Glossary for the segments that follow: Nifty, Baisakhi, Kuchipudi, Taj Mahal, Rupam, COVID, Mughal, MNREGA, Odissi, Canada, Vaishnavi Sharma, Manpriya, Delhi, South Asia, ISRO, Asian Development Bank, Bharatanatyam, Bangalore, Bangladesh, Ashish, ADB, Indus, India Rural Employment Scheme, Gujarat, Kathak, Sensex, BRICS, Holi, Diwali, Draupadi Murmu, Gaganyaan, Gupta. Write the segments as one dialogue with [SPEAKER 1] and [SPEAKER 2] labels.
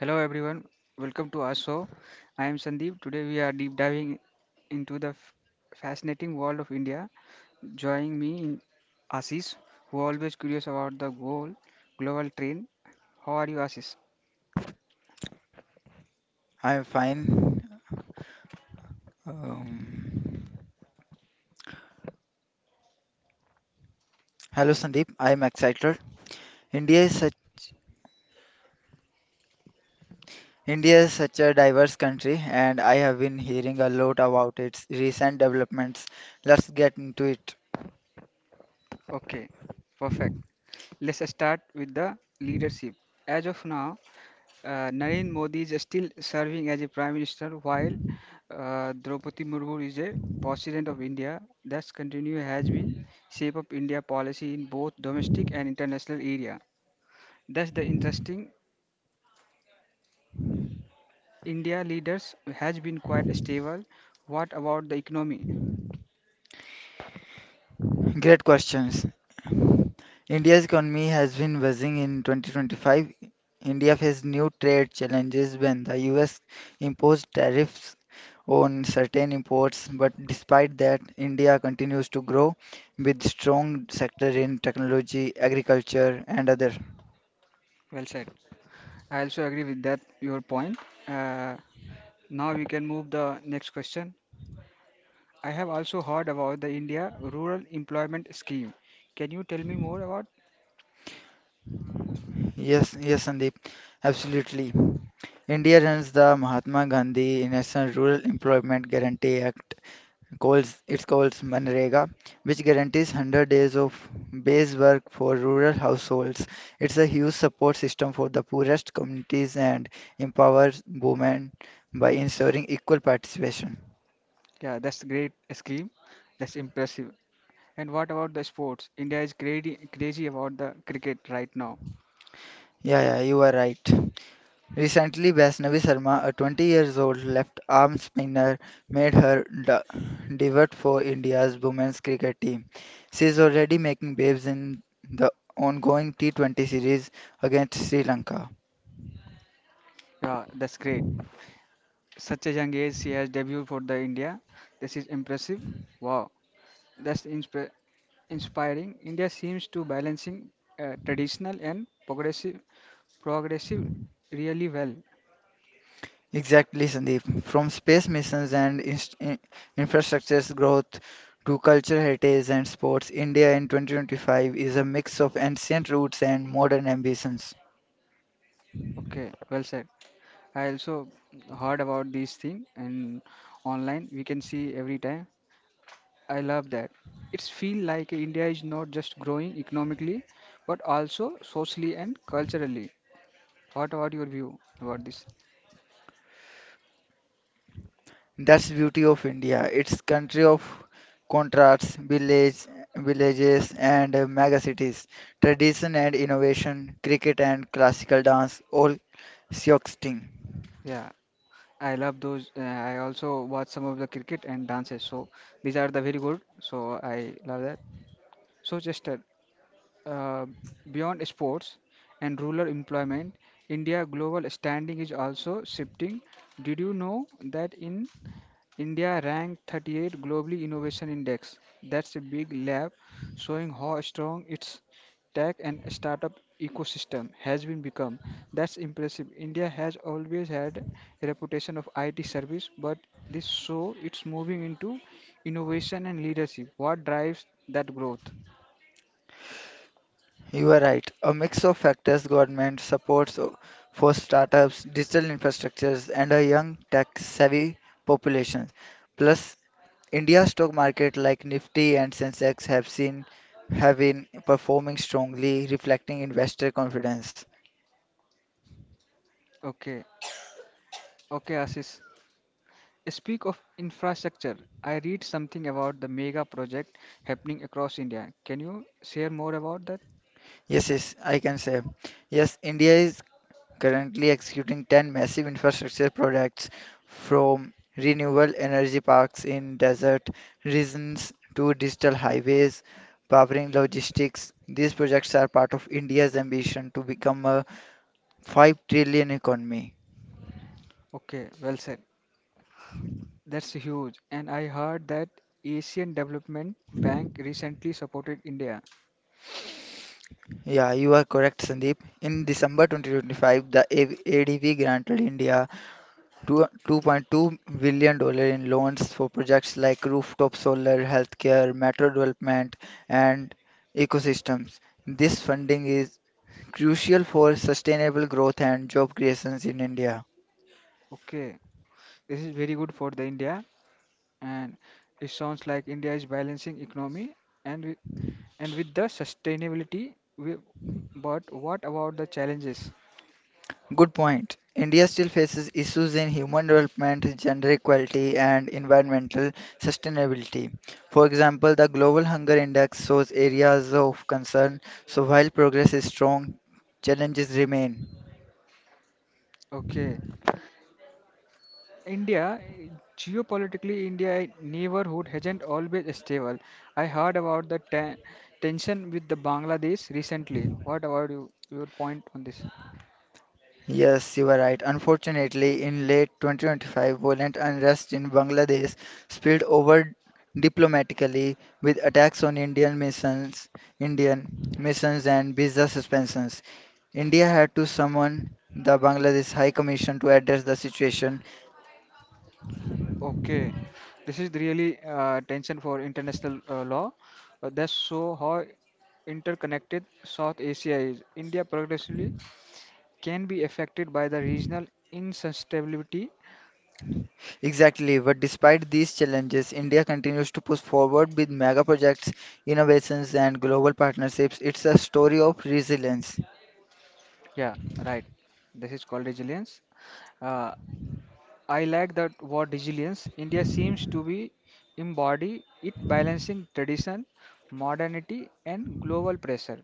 [SPEAKER 1] Hello everyone, welcome to our show. I am Sandeep. Today we are deep diving into the fascinating world of India. Joining me in Ashish, who always curious about the goal global trend. How are you, Ashish?
[SPEAKER 2] I'm fine. Um, Hello Sandeep, I'm excited. India is such India is such a diverse country and I have been hearing a lot about its recent developments. Let's get into it.
[SPEAKER 1] Okay, perfect. Let's start with the leadership. As of now, Narendra Modi is still serving as a prime minister while Draupadi Murmu is a president of India. Thus, continue has been shape of India policy in both domestic and international area. Thus, the interesting India leaders has been quite stable. What about the economy?
[SPEAKER 2] Great questions. India's economy has been buzzing in 2025. India faced new trade challenges when the US imposed tariffs on certain imports, but despite that, India continues to grow with strong sector in technology, agriculture, and other.
[SPEAKER 1] Well said. I also agree with that your point. Uh, Now we can move the next question. I have also heard about the India Rural Employment Scheme. Can you tell me more about?
[SPEAKER 2] Yes, Sandeep, absolutely. India runs the Mahatma Gandhi National Rural Employment Guarantee Act, calls it's called MNREGA, which guarantees 100 days of base work for rural households. It's a huge support system for the poorest communities and empowers women by ensuring equal participation.
[SPEAKER 1] Yeah, that's great scheme. That's impressive. And what about the sports? India is crazy, crazy about the cricket right now.
[SPEAKER 2] Yeah, you are right. Recently, Vaishnavi Sharma, a 20 years old left arm spinner, made her debut for India's women's cricket team. She is already making waves in the ongoing T20 series against Sri Lanka.
[SPEAKER 1] Yeah, that's great. Such a young age, she has debuted for the India. This is impressive. Wow, that's inspiring. India seems to balancing traditional and progressive really well.
[SPEAKER 2] Exactly, Sandeep. From space missions and infrastructure's growth to cultural heritage and sports, India in 2025 is a mix of ancient roots and modern ambitions.
[SPEAKER 1] Okay, well said. I also heard about these thing and online. We can see every time. I love that. It's feel like India is not just growing economically, but also socially and culturally. What about your view about this?
[SPEAKER 2] That's the beauty of India. It's country of contrasts, villages and mega cities, tradition and innovation, cricket and classical dance, all coexisting.
[SPEAKER 1] Yeah, I love those. I also watch some of the cricket and dances. So these are the very good. So I love that. So just uh, beyond sports and rural employment, India global standing is also shifting. Did you know that in India ranked 38 globally innovation index. That's a big leap, showing how strong its tech and startup ecosystem has been become. That's impressive. India has always had a reputation of IT service, but this show it's moving into innovation and leadership. What drives that growth?
[SPEAKER 2] You are right. A mix of factors, government supports for startups, digital infrastructures, and a young tech-savvy population. Plus, India's stock market like Nifty and Sensex have been performing strongly, reflecting investor confidence.
[SPEAKER 1] Okay, okay, Ashish. Speak of infrastructure. I read something about the mega project happening across India. Can you share more about that?
[SPEAKER 2] Yes, yes, I can say. Yes, India is currently executing 10 massive infrastructure projects from renewable energy parks in desert regions to digital highways powering logistics. These projects are part of India's ambition to become a 5 trillion economy.
[SPEAKER 1] Okay, well said. That's huge. And I heard that Asian Development Bank recently supported India.
[SPEAKER 2] Yeah, you are correct, Sandeep. In December 2025, the ADB granted India 2.2 billion dollars in loans for projects like rooftop solar, healthcare, metro development, and ecosystems. This funding is crucial for sustainable growth and job creations in India.
[SPEAKER 1] Okay, this is very good for the India, and it sounds like India is balancing economy and with, and with the sustainability. We, but what about the challenges?
[SPEAKER 2] Good point. India still faces issues in human development, gender equality, and environmental sustainability. For example, the Global Hunger Index shows areas of concern, so while progress is strong, challenges remain.
[SPEAKER 1] Okay, India geopolitically, India neighborhood hasn't always stable. I heard about the tension with the Bangladesh recently. What about you, your point on this?
[SPEAKER 2] Yes, you are right. Unfortunately, in late 2025, violent unrest in Bangladesh spilled over diplomatically with attacks on Indian missions, Indian and visa suspensions. India had to summon the Bangladesh High Commission to address the situation.
[SPEAKER 1] Okay, this is really tension for international law. That's so how interconnected South Asia is. India progressively can be affected by the regional instability.
[SPEAKER 2] Exactly, but despite these challenges, India continues to push forward with mega projects, innovations and global partnerships. It's a story of resilience.
[SPEAKER 1] Yeah, right. This is called resilience. Uh, I like that word resilience. India seems to be embody it balancing tradition, modernity, and global pressure.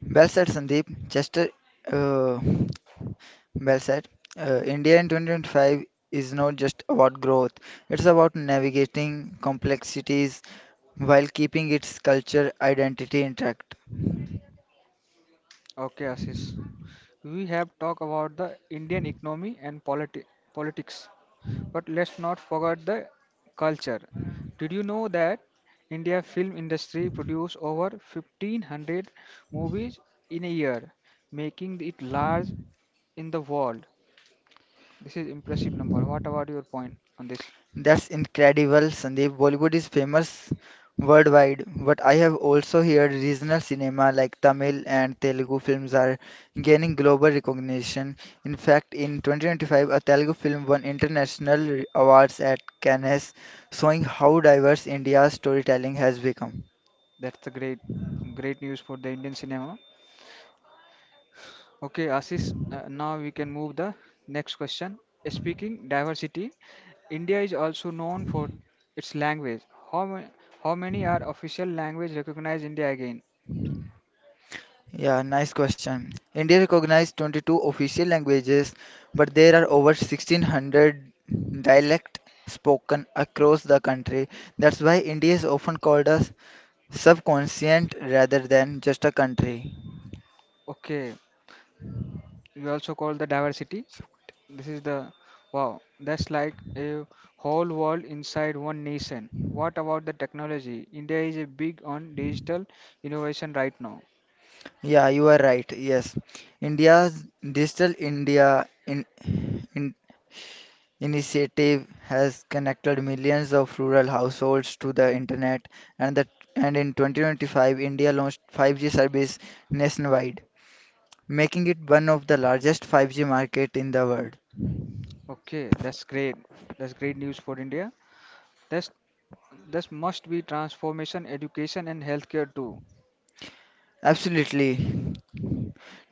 [SPEAKER 2] Well said, Sandeep. Just uh, Well said. India in 2025 is not just about growth, it's about navigating complexities while keeping its culture identity intact.
[SPEAKER 1] Okay, Ashish. We have talked about the Indian economy and politics. But let's not forget the culture. Did you know that India film industry produce over 1500 movies in a year, making it large in the world. This is impressive number. What about your point on this?
[SPEAKER 2] That's incredible, Sandeep. Bollywood is famous worldwide, but I have also heard regional cinema like Tamil and Telugu films are gaining global recognition. In fact, in 2025, a Telugu film won international awards at Cannes, showing how diverse India's storytelling has become.
[SPEAKER 1] That's a great news for the Indian cinema. Okay, Ashish, now we can move the next question. Speaking diversity, India is also known for its language. How, ma- how many are official language recognized India again?
[SPEAKER 2] Yeah, nice question. India recognized 22 official languages, but there are over 1600 dialects spoken across the country. That's why India is often called a subcontinent rather than just a country.
[SPEAKER 1] Okay, you also call the diversity. This is the wow, that's like a whole world inside one nation. What about the technology? India is a big on digital innovation right now.
[SPEAKER 2] Yeah, you are right. Yes. India's Digital India in initiative has connected millions of rural households to the internet and the and in 2025 India launched 5G service nationwide, making it one of the largest 5G market in the world.
[SPEAKER 1] Okay, that's great. That's great news for India. That's this must be transformation, education and healthcare too.
[SPEAKER 2] Absolutely.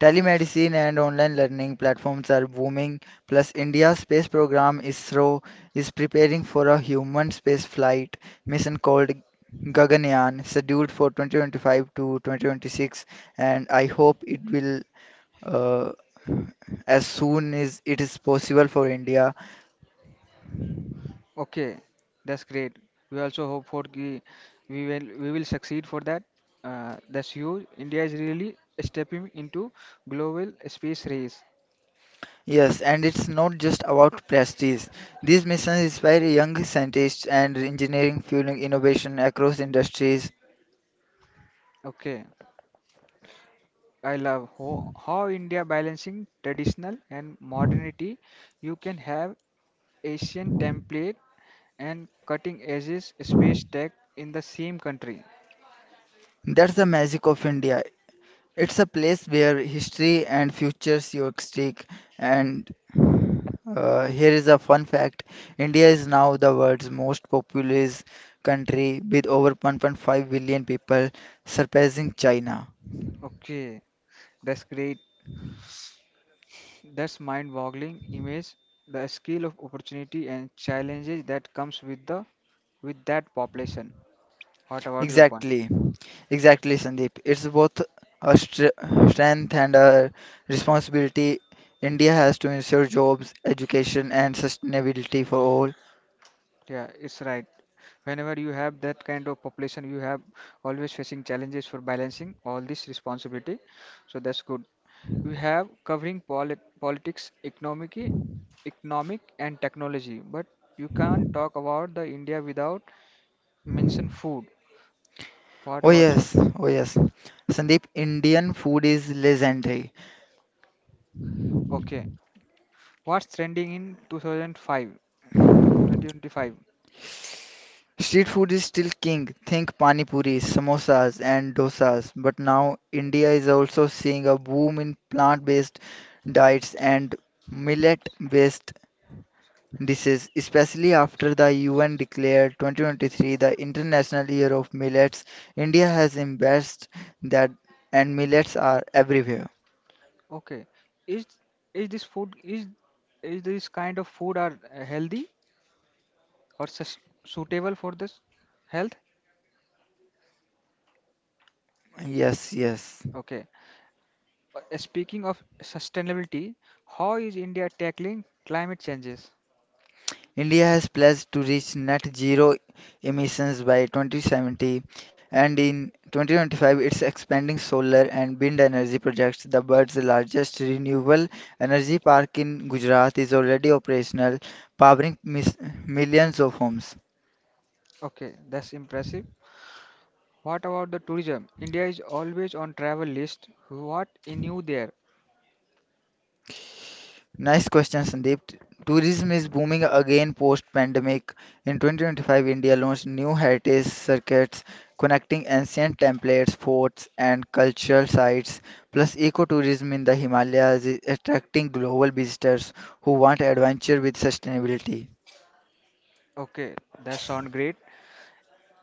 [SPEAKER 2] Telemedicine and online learning platforms are booming, plus India's space program ISRO is preparing for a human space flight mission called Gaganyaan, scheduled for 2025 to 2026, and I hope it will uh, as soon as it is possible for India.
[SPEAKER 1] Okay, that's great. We also hope for we will succeed for that. That's huge. India is really stepping into global space race.
[SPEAKER 2] Yes, and it's not just about prestige. These missions inspire young scientists and engineering fueling innovation across industries.
[SPEAKER 1] Okay, I love ho how India balancing traditional and modernity. You can have Asian template and cutting edges space tech in the same country.
[SPEAKER 2] That's the magic of India. It's a place where history and futures stick. And Here is a fun fact. India is now the world's most populous country with over 1.5 billion people, surpassing China.
[SPEAKER 1] Okay, that's great. That's mind-boggling image. The scale of opportunity and challenges that comes with the with that population. What about your point?
[SPEAKER 2] Exactly, exactly, Sandeep. It's both a str strength and a responsibility. India has to ensure jobs, education, and sustainability for all.
[SPEAKER 1] Yeah, it's right. Whenever you have that kind of population, you have always facing challenges for balancing all this responsibility. So that's good. We have covering politics, economic and technology, but you can't talk about the India without mention food. What
[SPEAKER 2] Oh,
[SPEAKER 1] about you?
[SPEAKER 2] yes, oh, yes. Sandeep, Indian food is legendary.
[SPEAKER 1] Okay. What's trending in 2025?
[SPEAKER 2] Street food is still king. Think pani puris, samosas, and dosas. But now India is also seeing a boom in plant-based diets and millet-based. This is especially after the UN declared 2023 the International Year of Millets. India has embraced that, and millets are everywhere.
[SPEAKER 1] Okay. Is is this food is this kind of food are healthy? Or suitable for this health?
[SPEAKER 2] Yes, yes.
[SPEAKER 1] Okay. Speaking of sustainability, how is India tackling climate changes?
[SPEAKER 2] India has pledged to reach net zero emissions by 2070, and in 2025 it's expanding solar and wind energy projects. The world's largest renewable energy park in Gujarat is already operational, powering millions of homes.
[SPEAKER 1] Okay, that's impressive. What about the tourism? India is always on travel list. What in new there?
[SPEAKER 2] Nice question, Sandeep. Tourism is booming again post-pandemic. In 2025, India launched new heritage circuits connecting ancient templates, forts, and cultural sites. Plus, ecotourism in the Himalayas is attracting global visitors who want adventure with sustainability.
[SPEAKER 1] Okay, that sound great.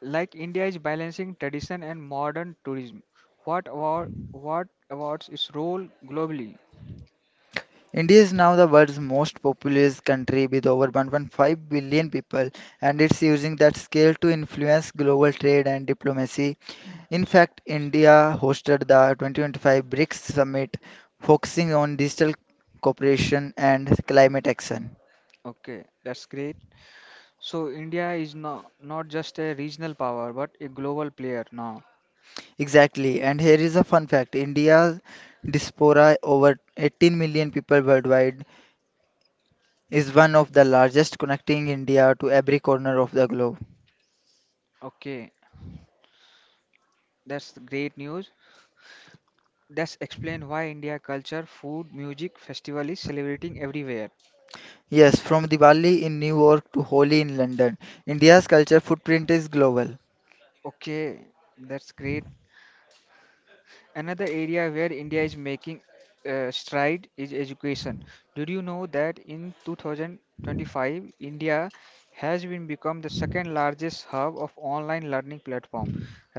[SPEAKER 1] Like India is balancing tradition and modern tourism. What about its role globally?
[SPEAKER 2] India is now the world's most populous country with over one hundred 1.5 billion people, and it's using that scale to influence global trade and diplomacy. In fact, India hosted the 2025 BRICS Summit focusing on digital cooperation and climate action.
[SPEAKER 1] Okay, that's great. So India is no, not just a regional power but a global player now.
[SPEAKER 2] Exactly, and here is a fun fact. India's diaspora, over 18 million people worldwide, is one of the largest, connecting India to every corner of the globe.
[SPEAKER 1] Okay, that's great news. That's explain why India culture, food, music, festival is celebrating everywhere.
[SPEAKER 2] Yes, from Diwali in New York to Holi in London, India's culture footprint is global.
[SPEAKER 1] Okay, that's great. Another area where India is making stride is education. Did you know that in 2025, India has been become the second largest hub of online learning platform,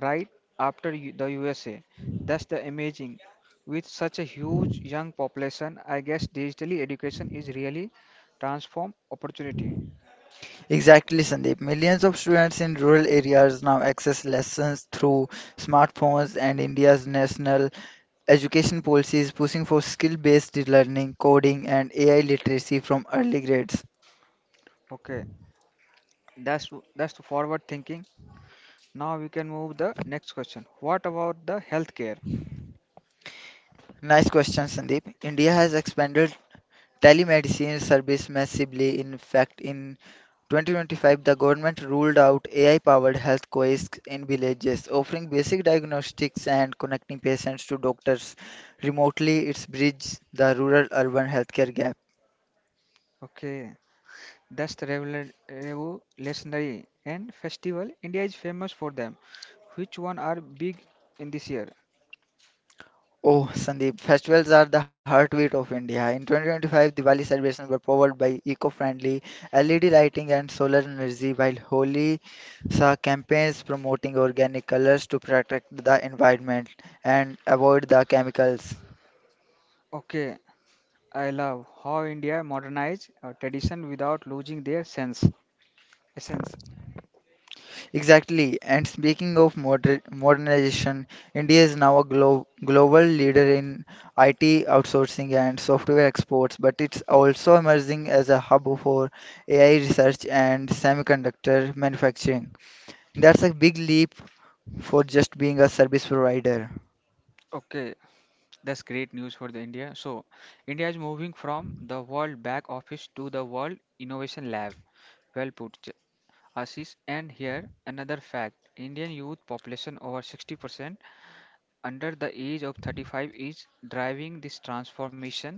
[SPEAKER 1] right after the USA? That's the amazing. With such a huge young population, I guess digitally education is really transform opportunity.
[SPEAKER 2] Exactly, Sandeep. Millions of students in rural areas now access lessons through smartphones, and India's national education policy is pushing for skill based learning, coding, and AI literacy from early grades.
[SPEAKER 1] Okay, that's that's the forward thinking. Now we can move the next question. What about the healthcare?
[SPEAKER 2] Nice question, Sandeep. India has expanded telemedicine service massively. In fact, in 2025, the government ruled out AI-powered health kiosks in villages, offering basic diagnostics and connecting patients to doctors remotely. It's bridged the rural-urban healthcare gap.
[SPEAKER 1] Okay. That's the legendary and festival. India is famous for them. Which one are big in this year?
[SPEAKER 2] Oh, Sandeep, festivals are the heartbeat of India. In 2025, Diwali celebrations were powered by eco-friendly LED lighting and solar energy, while Holi saw campaigns promoting organic colors to protect the environment and avoid the chemicals.
[SPEAKER 1] Okay, I love how India modernized our tradition without losing their sense essence.
[SPEAKER 2] Exactly. And speaking of modernization, India is now a global leader in IT outsourcing and software exports, but it's also emerging as a hub for AI research and semiconductor manufacturing. That's a big leap for just being a service provider.
[SPEAKER 1] Okay, that's great news for the India. So, India is moving from the World Back Office to the World Innovation Lab. Well put, Ashish. And here another fact: Indian youth population over 60%, under the age of 35 is driving this transformation.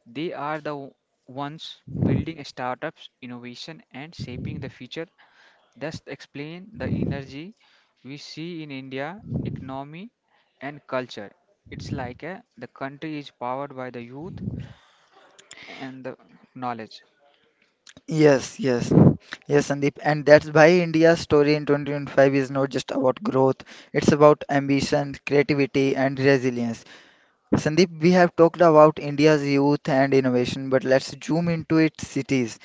[SPEAKER 1] They are the ones building startups, innovation, and shaping the future. Thus, explain the energy we see in India economy and culture. It's like a, the country is powered by the youth and the knowledge.
[SPEAKER 2] Yes, yes. Yes, Sandeep. And that's why India's story in 2025 is not just about growth, it's about ambition, creativity, and resilience. Sandeep, we have talked about India's youth and innovation, but let's zoom into its cities.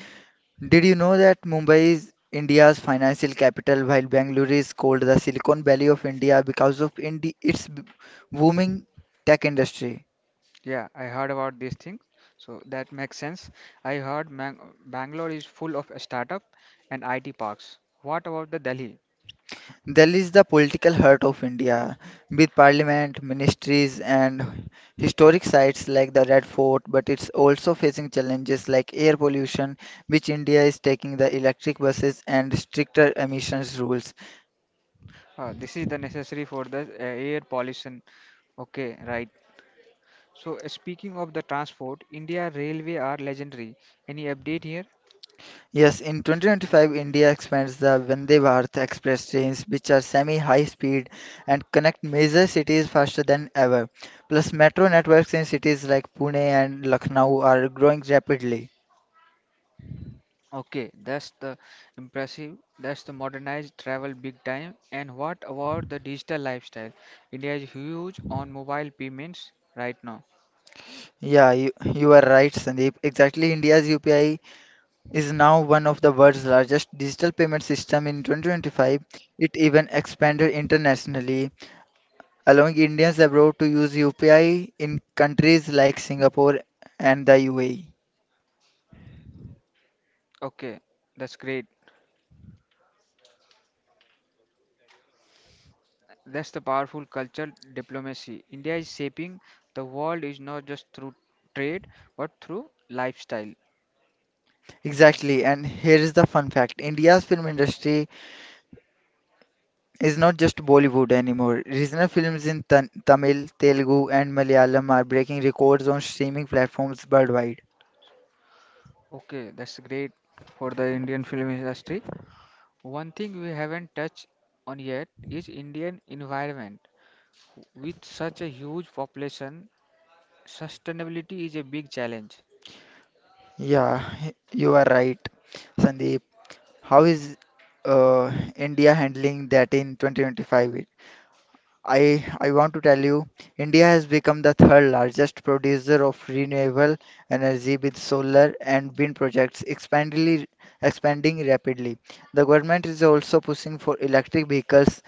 [SPEAKER 2] Did you know that Mumbai is India's financial capital while Bangalore is called the Silicon Valley of India because of its booming tech industry?
[SPEAKER 1] Yeah, I heard about these things, so that makes sense. I heard Bangalore is full of startup and IT parks. What about the Delhi?
[SPEAKER 2] Delhi is the political heart of India with parliament, ministries, and historic sites like the Red Fort, but it's also facing challenges like air pollution, which India is taking the electric buses and stricter emissions rules.
[SPEAKER 1] This is the necessary for the air pollution. Okay, right. So speaking of the transport, India Railway are legendary. Any update here?
[SPEAKER 2] Yes, in 2025, India expands the Vande Bharat Express trains, which are semi-high speed and connect major cities faster than ever. Plus, metro networks in cities like Pune and Lucknow are growing rapidly.
[SPEAKER 1] Okay, that's the impressive. That's the modernized travel big time. And what about the digital lifestyle? India is huge on mobile payments right now.
[SPEAKER 2] Yeah, you are right, Sandeep. Exactly, India's UPI is now one of the world's largest digital payment system in 2025. It even expanded internationally, allowing Indians abroad to use UPI in countries like Singapore and the UAE.
[SPEAKER 1] Okay, that's great. That's the powerful cultural diplomacy. India is shaping the world is not just through trade but through lifestyle.
[SPEAKER 2] Exactly, and here is the fun fact. India's film industry is not just Bollywood anymore. Regional films in Tamil, Telugu, and Malayalam are breaking records on streaming platforms worldwide.
[SPEAKER 1] Okay, that's great for the Indian film industry. One thing we haven't touched on yet is Indian environment. With such a huge population, sustainability is a big challenge.
[SPEAKER 2] Yeah, you are right, Sandeep. How is uh, India handling that in 2025? I want to tell you, India has become the third largest producer of renewable energy with solar and wind projects expanding rapidly. The government is also pushing for electric vehicles,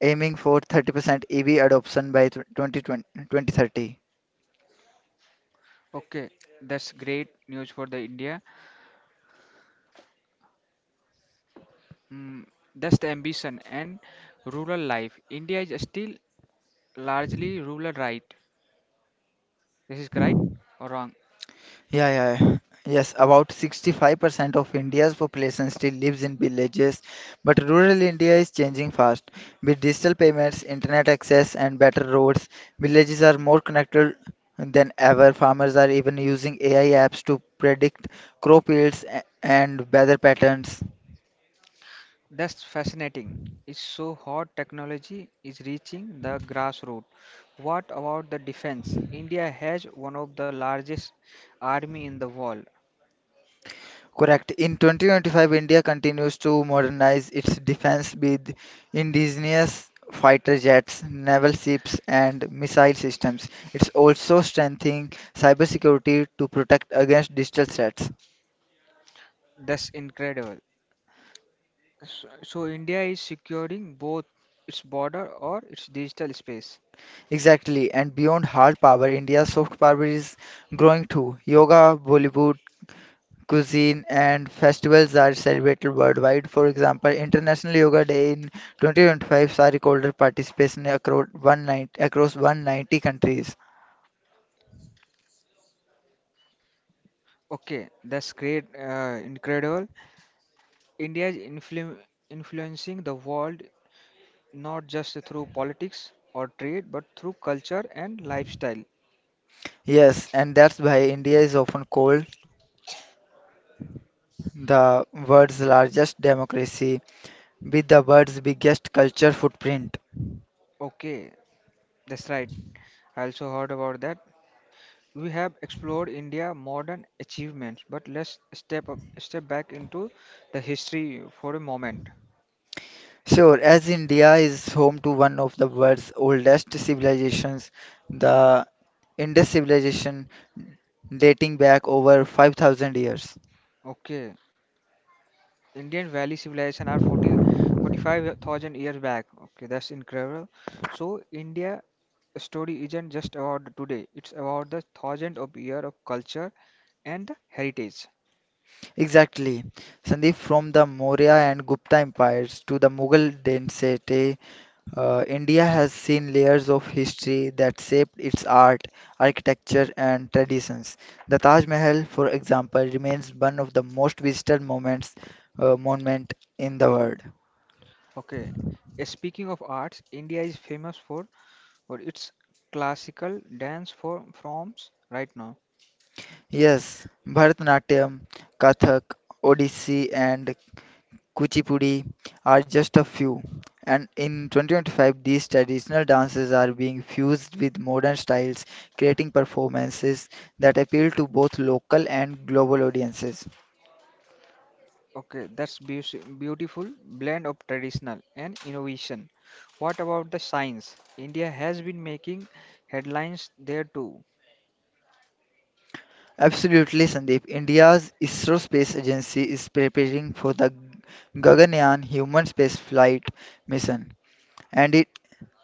[SPEAKER 2] aiming for 30% EV adoption by tw- 2020 2030.
[SPEAKER 1] Okay, that's great news for the India. Mm, that's the ambition and rural life. India is still largely rural, right? This is right or wrong?
[SPEAKER 2] Yeah, yeah. Yes, about 65% of India's population still lives in villages, but rural India is changing fast. With digital payments, internet access, and better roads, villages are more connected than ever. Farmers are even using AI apps to predict crop yields and weather patterns.
[SPEAKER 1] That's fascinating. It's so hot technology is reaching the grassroots. What about the defense? India has one of the largest army in the world.
[SPEAKER 2] Correct. In 2025, India continues to modernize its defense with indigenous fighter jets, naval ships, and missile systems. It's also strengthening cybersecurity to protect against digital threats.
[SPEAKER 1] That's incredible. So India is securing both its border or its digital space.
[SPEAKER 2] Exactly. And beyond hard power, India's soft power is growing too. Yoga, Bollywood, cuisine, and festivals are celebrated worldwide. For example, International Yoga Day in 2025 saw record participation across 190 countries.
[SPEAKER 1] Okay, that's great, incredible. India is influencing the world not just through politics or trade, but through culture and lifestyle.
[SPEAKER 2] Yes, and that's why India is often called the world's largest democracy with the world's biggest culture footprint.
[SPEAKER 1] Okay, that's right. I also heard about that. We have explored India modern achievements, but let's step back into the history for a moment.
[SPEAKER 2] Sure, as India is home to one of the world's oldest civilizations, the Indus civilization dating back over 5,000 years.
[SPEAKER 1] Okay, Indian Valley civilization are 45,000 years back. Okay, that's incredible. So India story isn't just about the today; it's about the thousand of year of culture and the heritage.
[SPEAKER 2] Exactly. Sandeep, from the Maurya and Gupta empires to the Mughal dynasty, India has seen layers of history that shaped its art, architecture, and traditions. The Taj Mahal, for example, remains one of the most visited moments, monument in the world.
[SPEAKER 1] Okay, speaking of arts, India is famous for its classical dance form forms right now.
[SPEAKER 2] Yes, Bharatanatyam, Kathak, Odissi, and Kuchipudi are just a few. And in 2025, these traditional dances are being fused with modern styles, creating performances that appeal to both local and global audiences.
[SPEAKER 1] Okay, that's beautiful blend of traditional and innovation. What about the science? India has been making headlines there too.
[SPEAKER 2] Absolutely, Sandeep. India's ISRO Space Agency is preparing for the Gaganyaan human spaceflight mission, and it,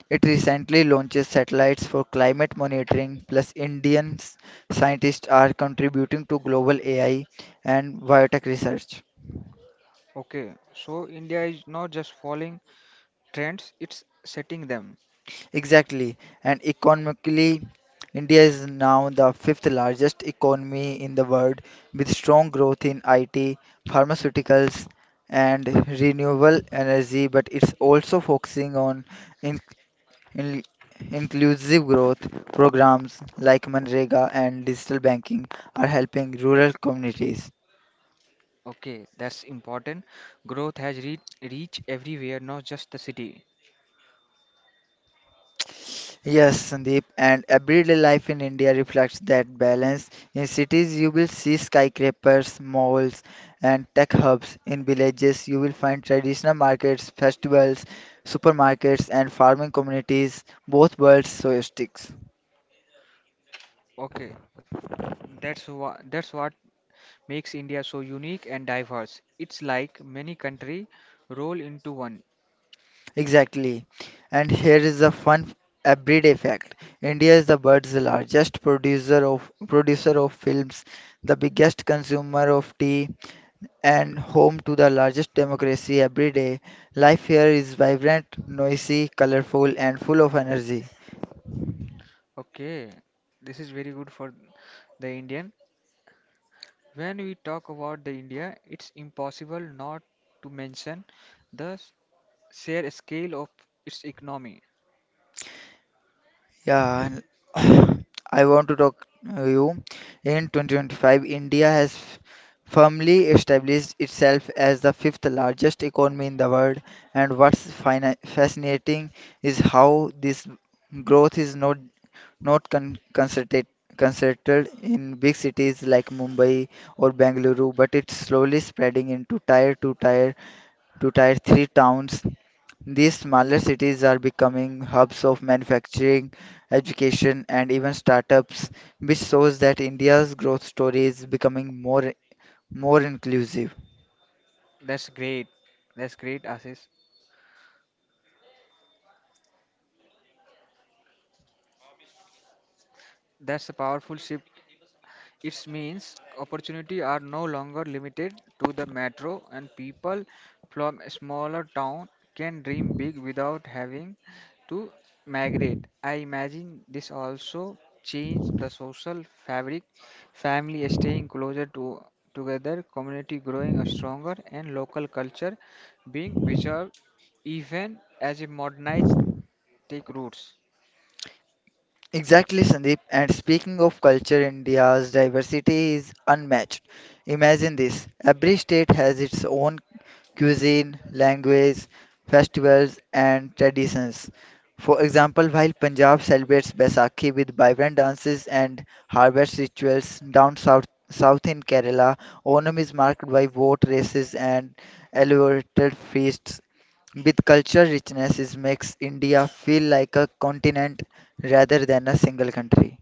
[SPEAKER 2] it recently launched satellites for climate monitoring. Plus, Indian scientists are contributing to global AI and biotech research.
[SPEAKER 1] Okay, so India is not just following trends, it's setting them.
[SPEAKER 2] Exactly. And economically, India is now the fifth largest economy in the world with strong growth in IT, pharmaceuticals, and renewable energy, but it's also focusing on in, in- inclusive growth programs like Manrega and digital banking are helping rural communities.
[SPEAKER 1] Okay, that's important. Growth has reached everywhere, not just the city.
[SPEAKER 2] Yes, Sandeep, and everyday life in India reflects that balance. In cities, you will see skyscrapers, malls, and tech hubs. In villages, you will find traditional markets, festivals, supermarkets, and farming communities. Both worlds coexist.
[SPEAKER 1] Okay, that's what makes India so unique and diverse. It's like many country roll into one.
[SPEAKER 2] Exactly. And here is a fun everyday fact. India is the world's largest producer of films, the biggest consumer of tea, and home to the largest democracy. Every day, life here is vibrant, noisy, colorful, and full of energy.
[SPEAKER 1] Okay, this is very good for the Indian. When we talk about the India, it's impossible not to mention the sheer scale of its economy.
[SPEAKER 2] Yeah, and I want to talk to you. In 2025, India has firmly established itself as the fifth largest economy in the world, and what's fascinating is how this growth is not concentrated in big cities like Mumbai or Bengaluru, but it's slowly spreading into tier 2, tier 3 towns. These smaller cities are becoming hubs of manufacturing, education, and even startups, which shows that India's growth story is becoming more inclusive.
[SPEAKER 1] That's great. That's great, Ashish. That's a powerful shift. It means opportunity are no longer limited to the metro and people from a smaller town can dream big without having to migrate. I imagine this also changed the social fabric, family staying closer to together, community growing stronger and local culture being preserved even as a modernized take roots.
[SPEAKER 2] Exactly, Sandeep. And speaking of culture, India's diversity is unmatched. Imagine this every state has its own cuisine, language, festivals, and traditions. For example, while Punjab celebrates Baisakhi with vibrant dances and harvest rituals, south in Kerala, Onam is marked by boat races and elaborate feasts. With cultural richness, it makes India feel like a continent rather than a single country.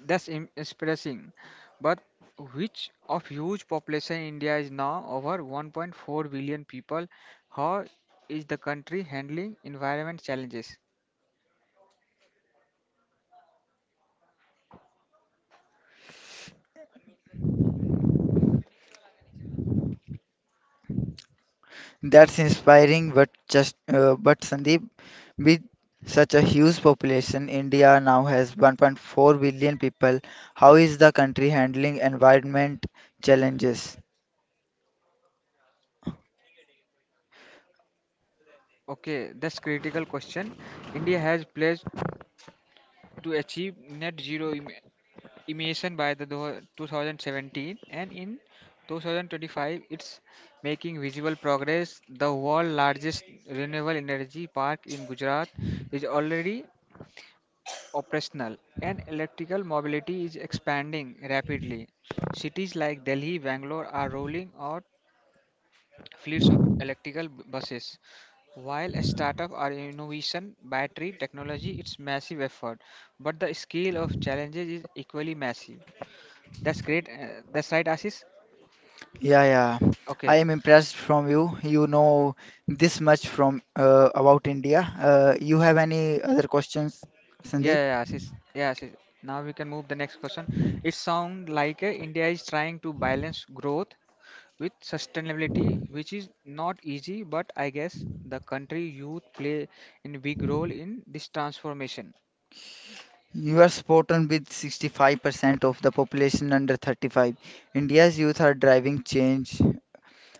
[SPEAKER 1] That's impressive. But which of huge population India is now over 1.4 billion people? How is the country handling environment challenges?
[SPEAKER 2] That's inspiring, but just but Sandeep, with such a huge population, India now has 1.4 billion people. How is the country handling environment challenges?
[SPEAKER 1] Okay, that's critical question. India has pledged to achieve net zero emission by the 2017 and in 2025 it's making visible progress. The world largest renewable energy park in Gujarat is already operational, and electrical mobility is expanding rapidly. Cities like Delhi, Bangalore are rolling out fleets of electrical buses. While a startup or innovation battery technology, it's massive effort, but the scale of challenges is equally massive. That's great. That's right, Ashish.
[SPEAKER 2] Yeah, yeah. I
[SPEAKER 1] Okay.
[SPEAKER 2] am impressed from you. You know this much from about India. You have any other questions, Sandeep?
[SPEAKER 1] Yeah, Ashish. Now we can move the next question. It sounds like India is trying to balance growth with sustainability, which is not easy, but I guess the country youth play in big role in this transformation.
[SPEAKER 2] You are spot on with 65% of the population under 35. India's youth are driving change.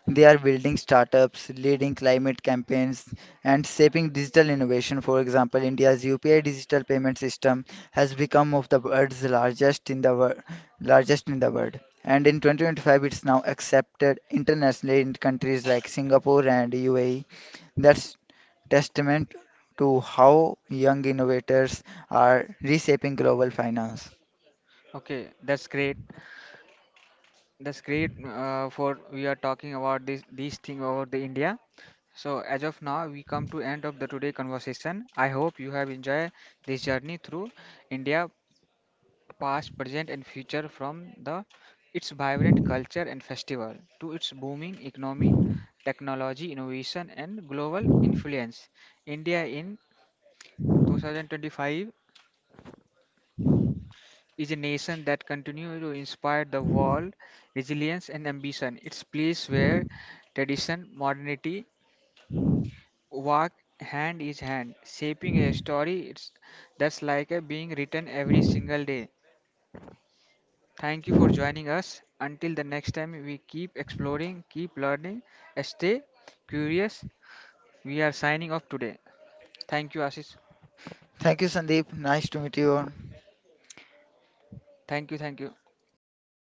[SPEAKER 2] They are building startups, leading climate campaigns, and shaping digital innovation. For example, India's UPI digital payment system has become of the world's largest in the world, And in 2025, it's now accepted internationally in countries like Singapore and UAE. That's testament to how young innovators are reshaping global finance.
[SPEAKER 1] Okay, that's great. That's great for we are talking about this these thing over the India. So as of now, we come to end of the today conversation. I hope you have enjoyed this journey through India past, present, and future from the its vibrant culture and festival to its booming economy, technology, innovation, and global influence. India in 2025 is a nation that continues to inspire the world resilience and ambition. It's place where tradition, modernity walk hand in hand, shaping a story that's like a being written every single day. Thank you for joining us. Until the next time, we keep exploring, keep learning, stay curious. We are signing off today. Thank you, Ashish.
[SPEAKER 2] Thank you, Sandeep. Nice to meet you.
[SPEAKER 1] Thank you, thank you.